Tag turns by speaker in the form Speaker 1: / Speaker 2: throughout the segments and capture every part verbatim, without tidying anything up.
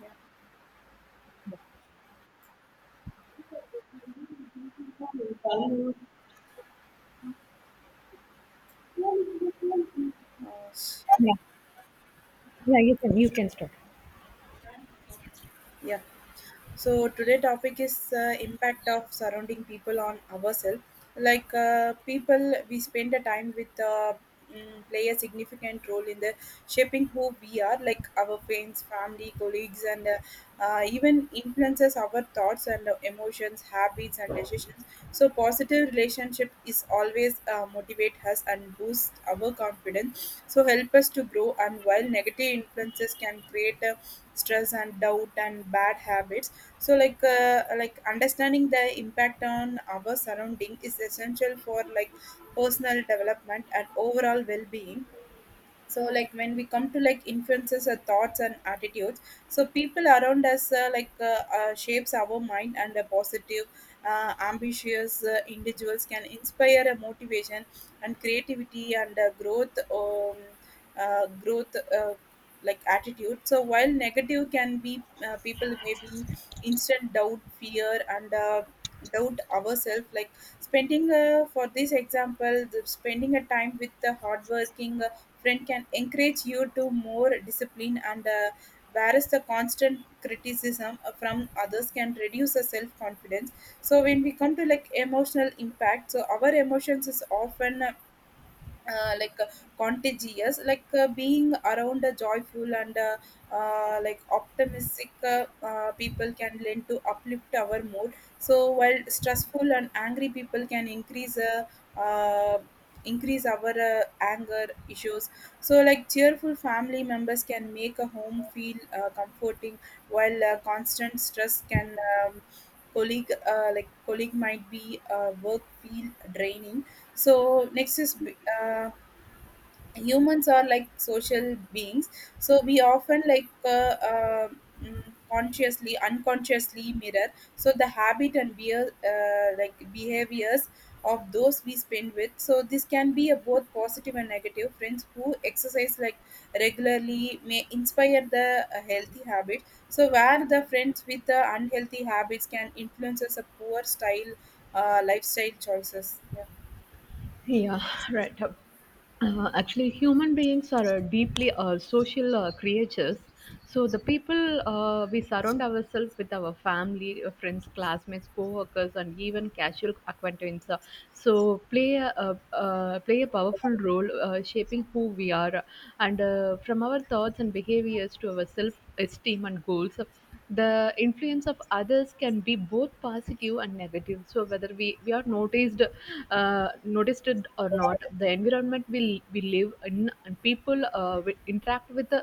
Speaker 1: Yeah. Uh, s- yeah. So today topic is uh, impact of surrounding people on ourselves. Like uh, people, we spend the time with uh, mm, play a significant role in the shaping who we are, like our friends, family, colleagues, and uh, uh, even influences our thoughts and uh, emotions, habits, and decisions. So positive relationship is always uh, motivate us and boost our confidence, so help us to grow. And while negative influences can create uh, stress and doubt and bad habits, so like uh, like understanding the impact on our surrounding is essential for like personal development and overall well-being. So like when we come to like influences our thoughts and attitudes, so people around us uh, like uh, uh, shapes our mind, and a positive uh, ambitious uh, individuals can inspire a motivation and creativity and uh, growth um, uh, growth uh, like attitude. So while negative can be uh, people may be instant doubt, fear and uh, doubt ourselves. Like spending uh, for this example, the spending a time with the hardworking friend can encourage you to more discipline, and uh, whereas the constant criticism uh, from others can reduce the self confidence. So when we come to like emotional impact, so our emotions is often uh, uh, like uh, contagious. Like uh, being around a joyful and uh, uh, like optimistic uh, uh, people can lend to uplift our mood. So while stressful and angry people can increase uh, uh, increase our uh, anger issues. So like cheerful family members can make a home feel uh, comforting, while uh, constant stress can um, colleague, uh, like colleague might be uh, work feel draining. So next is, uh, humans are like social beings, so we often like uh, uh, mm, consciously unconsciously mirror, so the habit and beer, uh, like behaviors of those we spend with. So this can be a both positive and negative. Friends who exercise like regularly may inspire the uh, healthy habit, so where the friends with the unhealthy habits can influence us a poor style uh, lifestyle choices, yeah.
Speaker 2: Yeah, right. Uh, actually, human beings are uh, deeply uh, social uh, creatures. So the people uh, we surround ourselves with our family, uh, friends, classmates, co-workers, and even casual acquaintances. uh, So play a, uh, uh, play a powerful role uh, shaping who we are, and uh, from our thoughts and behaviors to our self-esteem and goals, the influence of others can be both positive and negative. So whether we we are noticed, uh, noticed it or not, the environment we we live in and people uh, we interact with uh,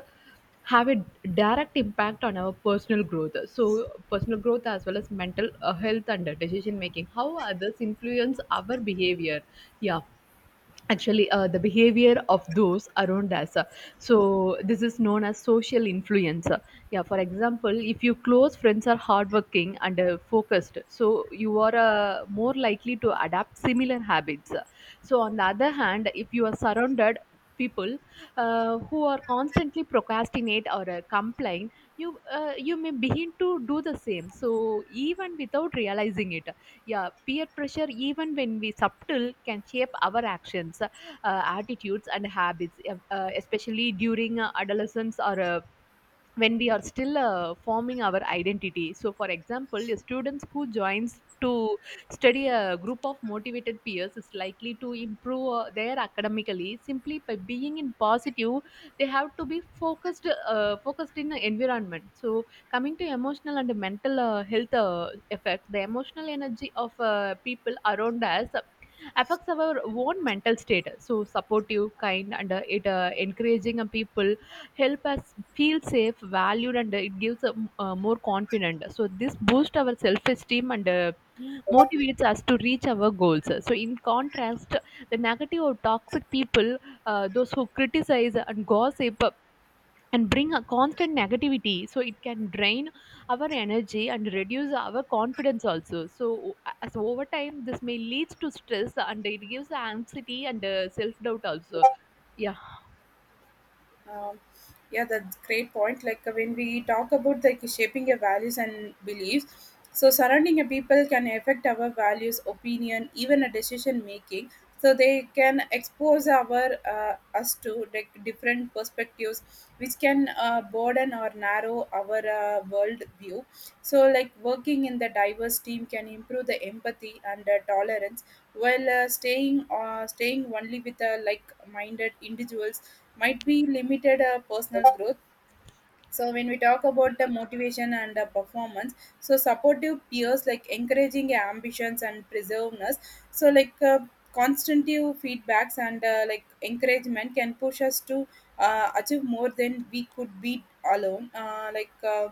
Speaker 2: have a direct impact on our personal growth. So personal growth as well as mental uh, health and decision making. How others influence our behavior, yeah. Actually, uh, the behavior of those around us, so this is known as social influence. Yeah, for example, if your close friends are hardworking and uh, focused, so you are uh, more likely to adapt similar habits. So on the other hand, if you are surrounded people, uh, who are constantly procrastinate or uh, complain, you uh, you may begin to do the same, so even without realizing it. Yeah, peer pressure, even when we subtle, can shape our actions, uh, attitudes, and habits, uh, uh, especially during uh, adolescence or uh, when we are still uh, forming our identity. So for example, a students who joins to study a group of motivated peers is likely to improve uh, their academically, simply by being in positive, they have to be focused, uh, focused in the environment. So coming to emotional and mental uh, health uh, effect, the emotional energy of uh, people around us affects our own mental state. So supportive, kind, and uh, it uh, encouraging uh, people help us feel safe, valued, and uh, it gives uh, m- uh, more confident. So this boosts our self-esteem and uh, motivates us to reach our goals. So in contrast, the negative or toxic people, uh, those who criticize and gossip, and bring a constant negativity, so it can drain our energy and reduce our confidence also. So uh, as over time this may leads to stress, and it gives anxiety and uh, self doubt also. Yeah.
Speaker 1: Um, yeah, that's great point. Like uh, when we talk about like shaping your values and beliefs, so surrounding a people can affect our values, opinion, even a decision making. So they can expose our uh, us to like different perspectives, which can uh, broaden or narrow our uh, world view. So like working in the diverse team can improve the empathy and uh, tolerance, while uh, staying uh, staying only with uh, like minded individuals might be limited uh, personal growth. So when we talk about the motivation and the performance, so supportive peers like encouraging ambitions and preserveness, so like uh, constructive feedbacks and uh, like encouragement can push us to uh, achieve more than we could be alone. Uh, like uh,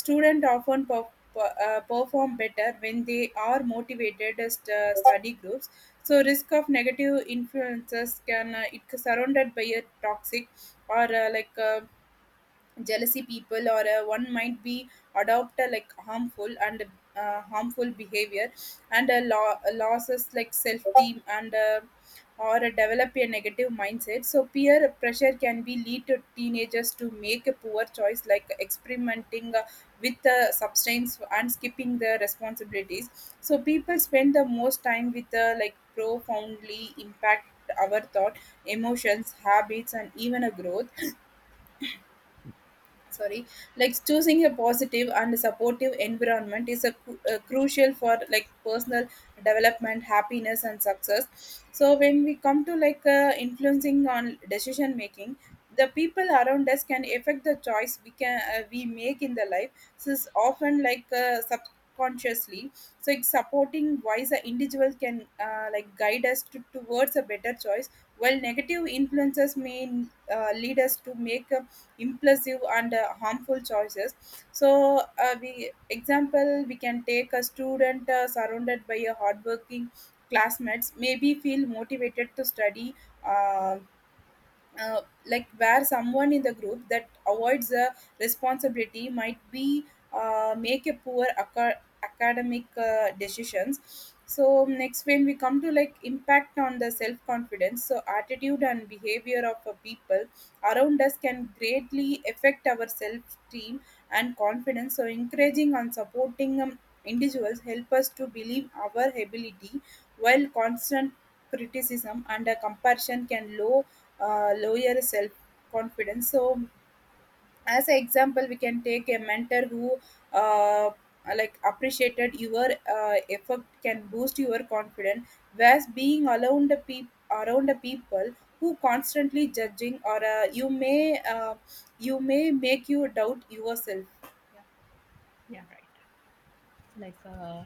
Speaker 1: student often per- per- uh, perform better when they are motivated as uh, study groups. So risk of negative influences can uh, it surrounded by a toxic or uh, like uh, jealousy people, or uh, one might be adopt a like harmful and uh, harmful behavior and uh, lo- losses like self-esteem and uh, or uh, develop a negative mindset. So peer pressure can be lead to teenagers to make a poor choice, like experimenting uh, with uh, substance and skipping their responsibilities. So people spend the most time with uh, like profoundly impact our thought, emotions, habits and even a growth. Sorry, like choosing a positive and supportive environment is a, cru- a crucial for like personal development, happiness and success. So when we come to like uh, influencing on decision making, the people around us can affect the choice we can uh, we make in the life. So it's often like uh, subconsciously. So it's supporting wise, the individual can uh, like guide us to, towards a better choice, while negative influences may uh, lead us to make a impulsive and uh, harmful choices. So uh, we example, we can take a student uh, surrounded by a hardworking classmates, maybe feel motivated to study, uh, uh, like where someone in the group that avoids the responsibility might be uh, make a poor aca- academic uh, decisions. So next, when we come to like impact on the self confidence, so attitude and behavior of uh, people around us can greatly affect our self esteem and confidence. So encouraging and supporting um, individuals help us to believe our ability, while constant criticism and a comparison can lower uh, lower self confidence. So as an example, we can take a mentor who uh, like appreciated your uh, effort can boost your confidence, whereas being around the peop- around the people who constantly judging or uh, you may uh, you may make you doubt yourself.
Speaker 2: Yeah, right. like uh,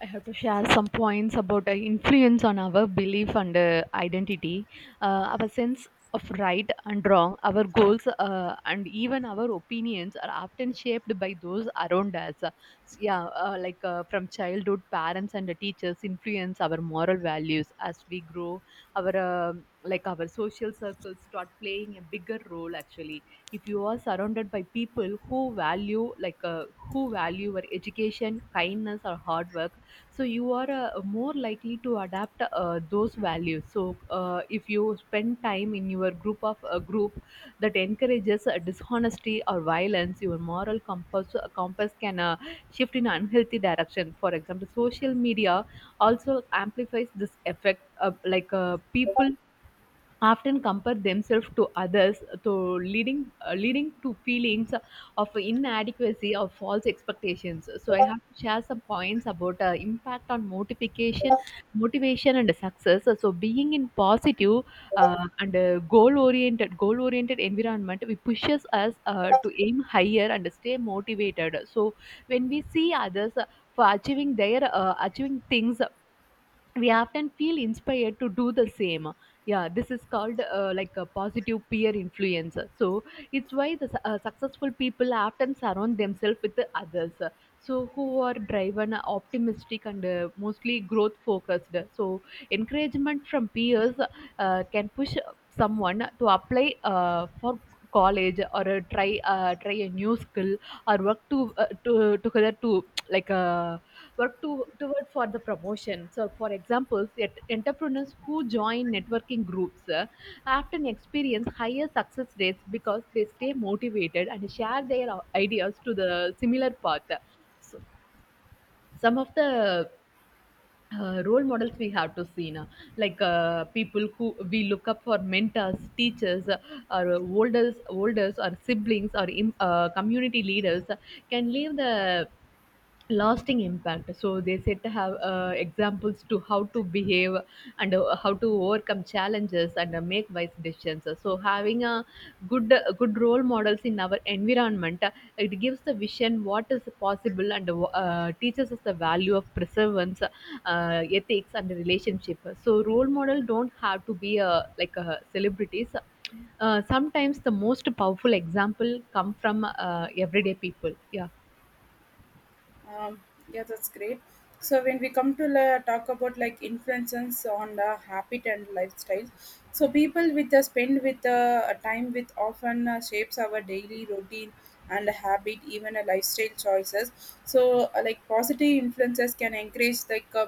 Speaker 2: I have to share some points about uh, influence on our belief and uh, identity, uh, our sense of right and wrong, our goals, uh, and even our opinions are often shaped by those around us. So, yeah, uh, like uh, from childhood, parents and teachers influence our moral values as we grow. Our um like our social circles start playing a bigger role actually. If you are surrounded by people who value like uh, who value your education, kindness or hard work, so you are uh, more likely to adapt uh, those values. So uh, if you spend time in your group of a group that encourages uh, dishonesty or violence, your moral compass uh, compass can uh, shift in unhealthy direction. For example, social media also amplifies this effect of like uh, people often compare themselves to others, to leading uh, leading to feelings of inadequacy or false expectations. So I have to share some points about uh, impact on motivation, motivation and success. So being in positive uh, and uh, goal oriented, goal oriented environment we pushes us uh, to aim higher and stay motivated. So when we see others uh, for achieving their uh, achieving things, we often feel inspired to do the same. Yeah, this is called uh, like a positive peer influence. So it's why the su- uh, successful people often surround themselves with the others, so who are driven, optimistic and uh, mostly growth focused. So encouragement from peers uh, can push someone to apply uh, for college, or uh, try uh, try a new skill, or work to, uh, to together to like uh, work to, toward for the promotion. So, for example, yet entrepreneurs who join networking groups uh, often experience higher success rates because they stay motivated and share their uh, ideas to the similar path. So, some of the uh, role models we have to see now, like uh, people who we look up for, mentors, teachers, uh, or olders, olders, or siblings, or im- uh, community leaders, uh, can leave the lasting impact. So they said to have uh, examples to how to behave, and uh, how to overcome challenges, and uh, make wise decisions. So having a good, uh, good role models in our environment uh, it gives the vision what is possible, and uh, teaches us the value of perseverance, uh, ethics and relationship. So role model don't have to be uh, like uh, celebrities. Uh, sometimes the most powerful example come from uh, everyday people. Yeah.
Speaker 1: Um, yeah, that's great. So when we come to la talk about like influences on the habit and lifestyle, so people with the spend with the uh, time with often uh, shapes our daily routine and habit, even a lifestyle choices. So uh, like positive influences can encourage like uh,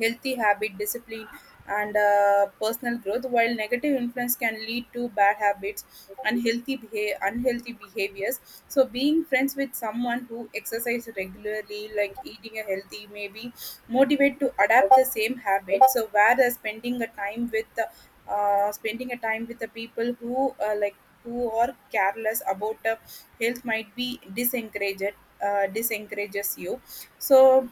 Speaker 1: healthy habit, discipline and uh, personal growth, while negative influence can lead to bad habits, unhealthy behavior unhealthy behaviors. So being friends with someone who exercise regularly, like eating a healthy, maybe motivate to adapt the same habit. So whereas spending a time with the uh, spending a time with the people who uh, like who are careless about the health might be disencouraged uh, disencourages you. So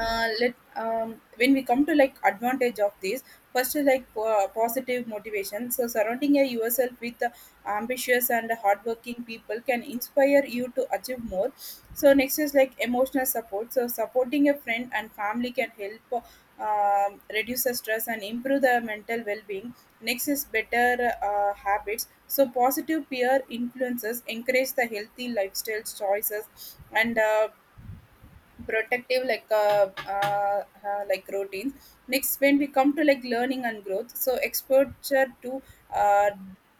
Speaker 1: uh, let um, when we come to like advantage of this, first is like po- positive motivation. So surrounding your- yourself with uh, ambitious and hardworking people can inspire you to achieve more. So next is like emotional support. So supporting a friend and family can help uh, reduce the stress and improve the mental well-being. Next is better uh, habits. So positive peer influences encourage the healthy lifestyle choices and uh, protective like uh, uh, uh, like routines. Next, when we come to like learning and growth, so exposure to uh,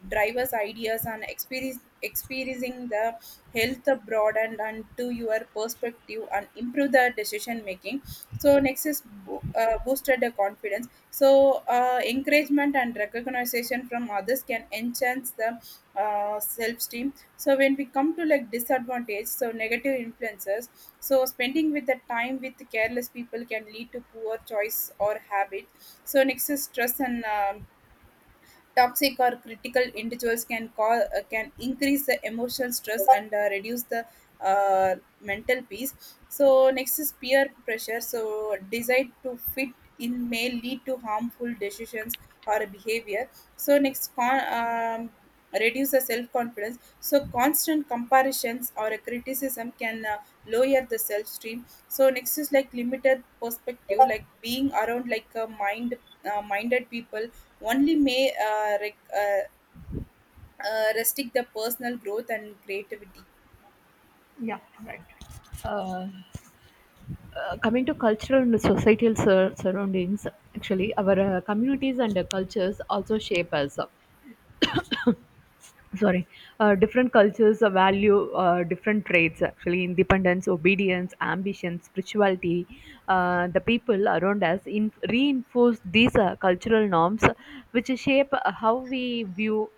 Speaker 1: drivers ideas and experience experiencing the health abroad and, and to your perspective and improve the decision making. So next is bo- uh, boosted the confidence. So uh, encouragement and recognition from others can enhance the uh, self-esteem. So when we come to like disadvantage, so negative influences, so spending with the time with careless people can lead to poor choice or habit. So next is stress and um, toxic or critical individuals can cause uh, can increase the emotional stress and uh, reduce the uh, mental peace. So next is peer pressure. So desire to fit in may lead to harmful decisions or behavior. So next con. Um, reduce the self-confidence, so constant comparisons or a criticism can uh, lower the self-esteem. So next is like limited perspective, like being around like a mind uh, minded people only may uh, rec- uh, uh, restrict the personal growth and creativity.
Speaker 2: uh, uh, Coming to cultural and societal sur- surroundings, actually, our uh, communities and uh, cultures also shape us. Sorry, uh, different cultures uh, value uh, different traits, actually independence, obedience, ambition, spirituality. Uh, the people around us in- reinforce these uh, cultural norms, which shape how we view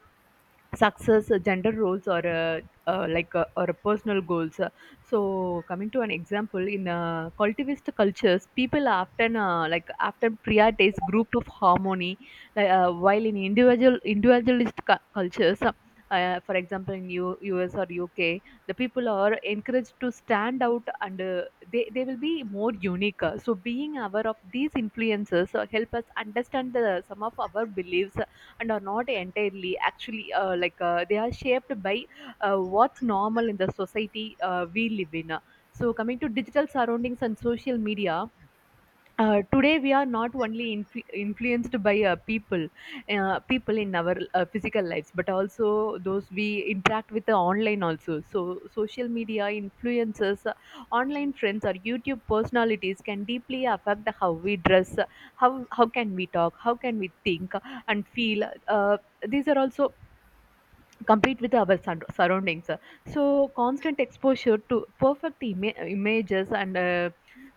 Speaker 2: success, uh, gender roles, or uh, uh, like uh, or personal goals. Uh, so coming to an example, in uh, collectivist cultures people often uh, like often prioritize group of harmony, like, uh, while in individual, individualist cu- cultures, uh, uh, for example in U- us or uk, the people are encouraged to stand out and uh, they, they will be more unique. Uh, so being aware of these influences uh, help us understand the, some of our beliefs and are not entirely, actually uh, like uh, they are shaped by uh, what's normal in the society uh, we live in. So coming to digital surroundings and social media, uh, today we are not only influ- influenced by uh, people, uh, people in our uh, physical lives but also those we interact with the online also. So social media influences, uh, online friends or YouTube personalities can deeply affect how we dress, how how can we talk, how can we think and feel. Uh, these are also complete with our sur- surroundings. So constant exposure to perfect ima- images and uh,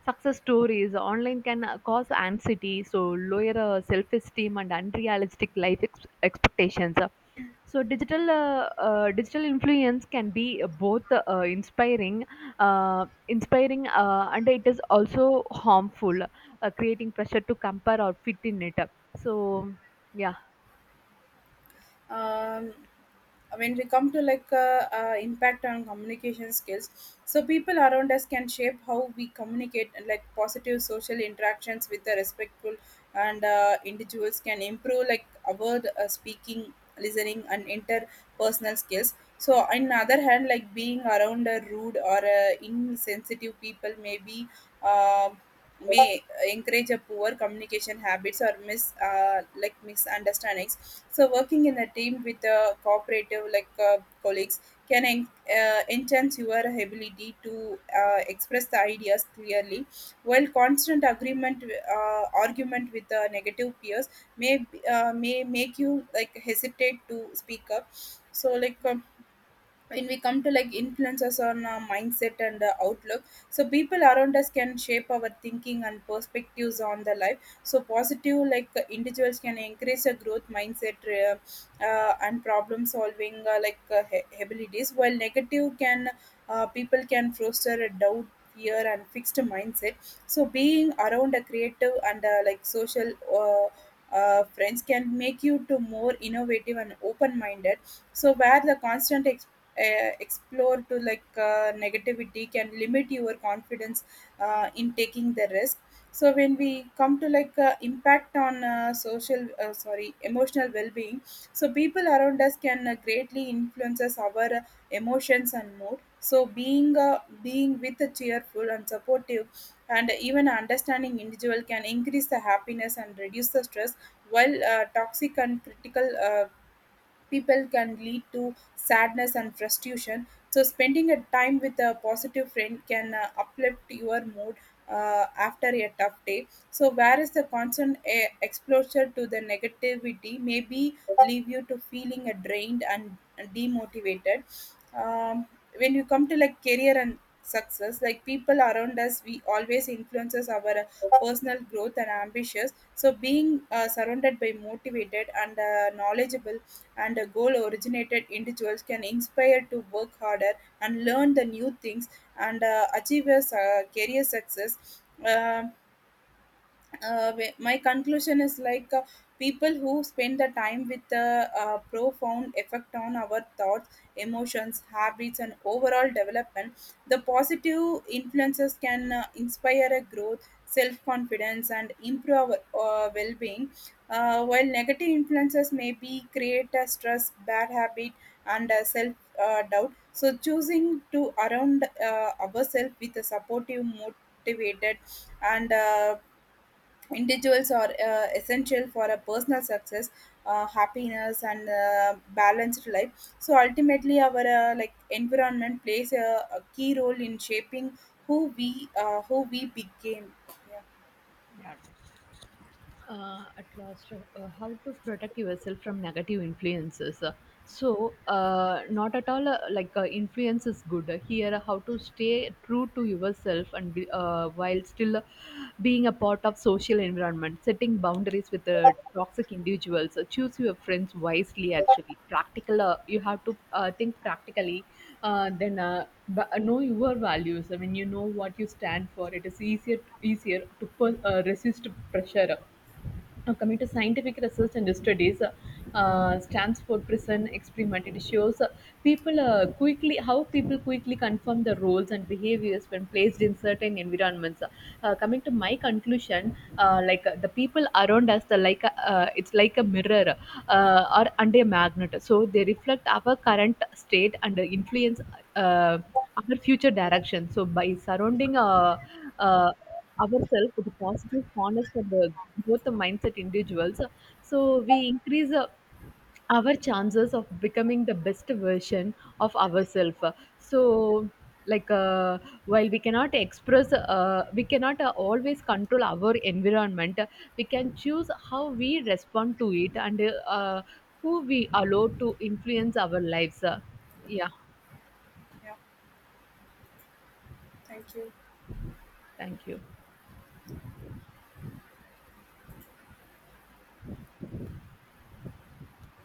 Speaker 2: success stories online can uh, cause anxiety, so lower uh, self-esteem and unrealistic life ex- expectations. So digital uh, uh, digital influence can be both uh, inspiring uh, inspiring uh, and it is also harmful, uh, creating pressure to compare or fit in it. So, yeah.
Speaker 1: um, when we come to like uh, uh, impact on communication skills, so people around us can shape how we communicate, and like positive social interactions with the respectful and uh, individuals can improve like our uh, speaking, listening and interpersonal skills. So on other hand, like being around a rude or uh, insensitive people may be uh, may encourage a poor communication habits or mis uh, like misunderstandings. So working in a team with a cooperative like uh, colleagues can en- uh, enhance your ability to uh, express the ideas clearly, while constant agreement uh, argument with the negative peers may uh, may make you like hesitate to speak up. So like. Um, when we come to like influences on our mindset and uh, outlook, so people around us can shape our thinking and perspectives on the life. So positive like uh, individuals can increase a growth mindset uh, uh, and problem solving uh, like uh, ha- abilities, while negative can uh, people can foster a doubt, fear and fixed mindset. So being around a creative and uh, like social uh, uh, friends can make you to more innovative and open minded. So where the constant uh, explore to like uh, negativity can limit your confidence uh, in taking the risk. So when we come to like uh, impact on uh, social, uh, sorry, emotional well-being, so people around us can uh, greatly influences our uh, emotions and mood. So being uh, being with a cheerful and supportive and even understanding individual can increase the happiness and reduce the stress, while uh, toxic and critical uh, people can lead to sadness and frustration. So spending a time with a positive friend can uh, uplift your mood uh, after a tough day. So whereas the constant uh, exposure to the negativity maybe leave you to feeling uh, drained and demotivated. um, when you come to like career and success, like people around us, we always influences our uh, personal growth and ambitions. So being uh, surrounded by motivated and uh, knowledgeable and uh, goal originated individuals can inspire to work harder and learn the new things and uh, achieve a uh, career success. Um uh, wh- my conclusion is like uh, people who spend the time with the uh, profound effect on our thoughts, emotions, habits and overall development. The positive influences can uh, inspire a growth, self-confidence and improve our uh, well-being, uh, while negative influences may be create a stress, bad habit and uh, self uh, doubt. So choosing to around uh, ourselves with a supportive, motivated and uh, individuals are uh, essential for a personal success, uh, happiness, and uh, balanced life. So ultimately, our uh, like environment plays a, a key role in shaping who we uh, who we became. Yeah,
Speaker 2: Uh, at last, uh, uh, how to protect yourself from negative influences. Uh, so uh, not at all uh, like uh, influence is good. Uh, here uh, how to stay true to yourself and be, uh, while still uh, being a part of social environment. Setting boundaries with uh, toxic individuals. Uh, choose your friends wisely, actually practical, uh, you have to uh, think practically, uh, then uh, b- uh, know your values. I mean, you know what you stand for, it is easier, easier to per- uh, resist pressure. Now, coming to scientific research and studies, uh, uh, Stanford prison experiment, it shows uh, people uh, quickly how people quickly confirm the roles and behaviors when placed in certain environments. Uh, coming to my conclusion, uh, like uh, the people around us, the like a, uh, it's like a mirror uh, or under a magnet, so they reflect our current state and influence uh, our future direction. So by surrounding. Uh, uh, Ourselves with positive, honest, and uh, growth mindset individuals. So we increase uh, our chances of becoming the best version of ourselves. So like uh, while we cannot express uh, we cannot uh, always control our environment, we can choose how we respond to it, and uh, who we allow to influence our lives. Yeah,
Speaker 1: yeah. Thank you.
Speaker 2: thank you.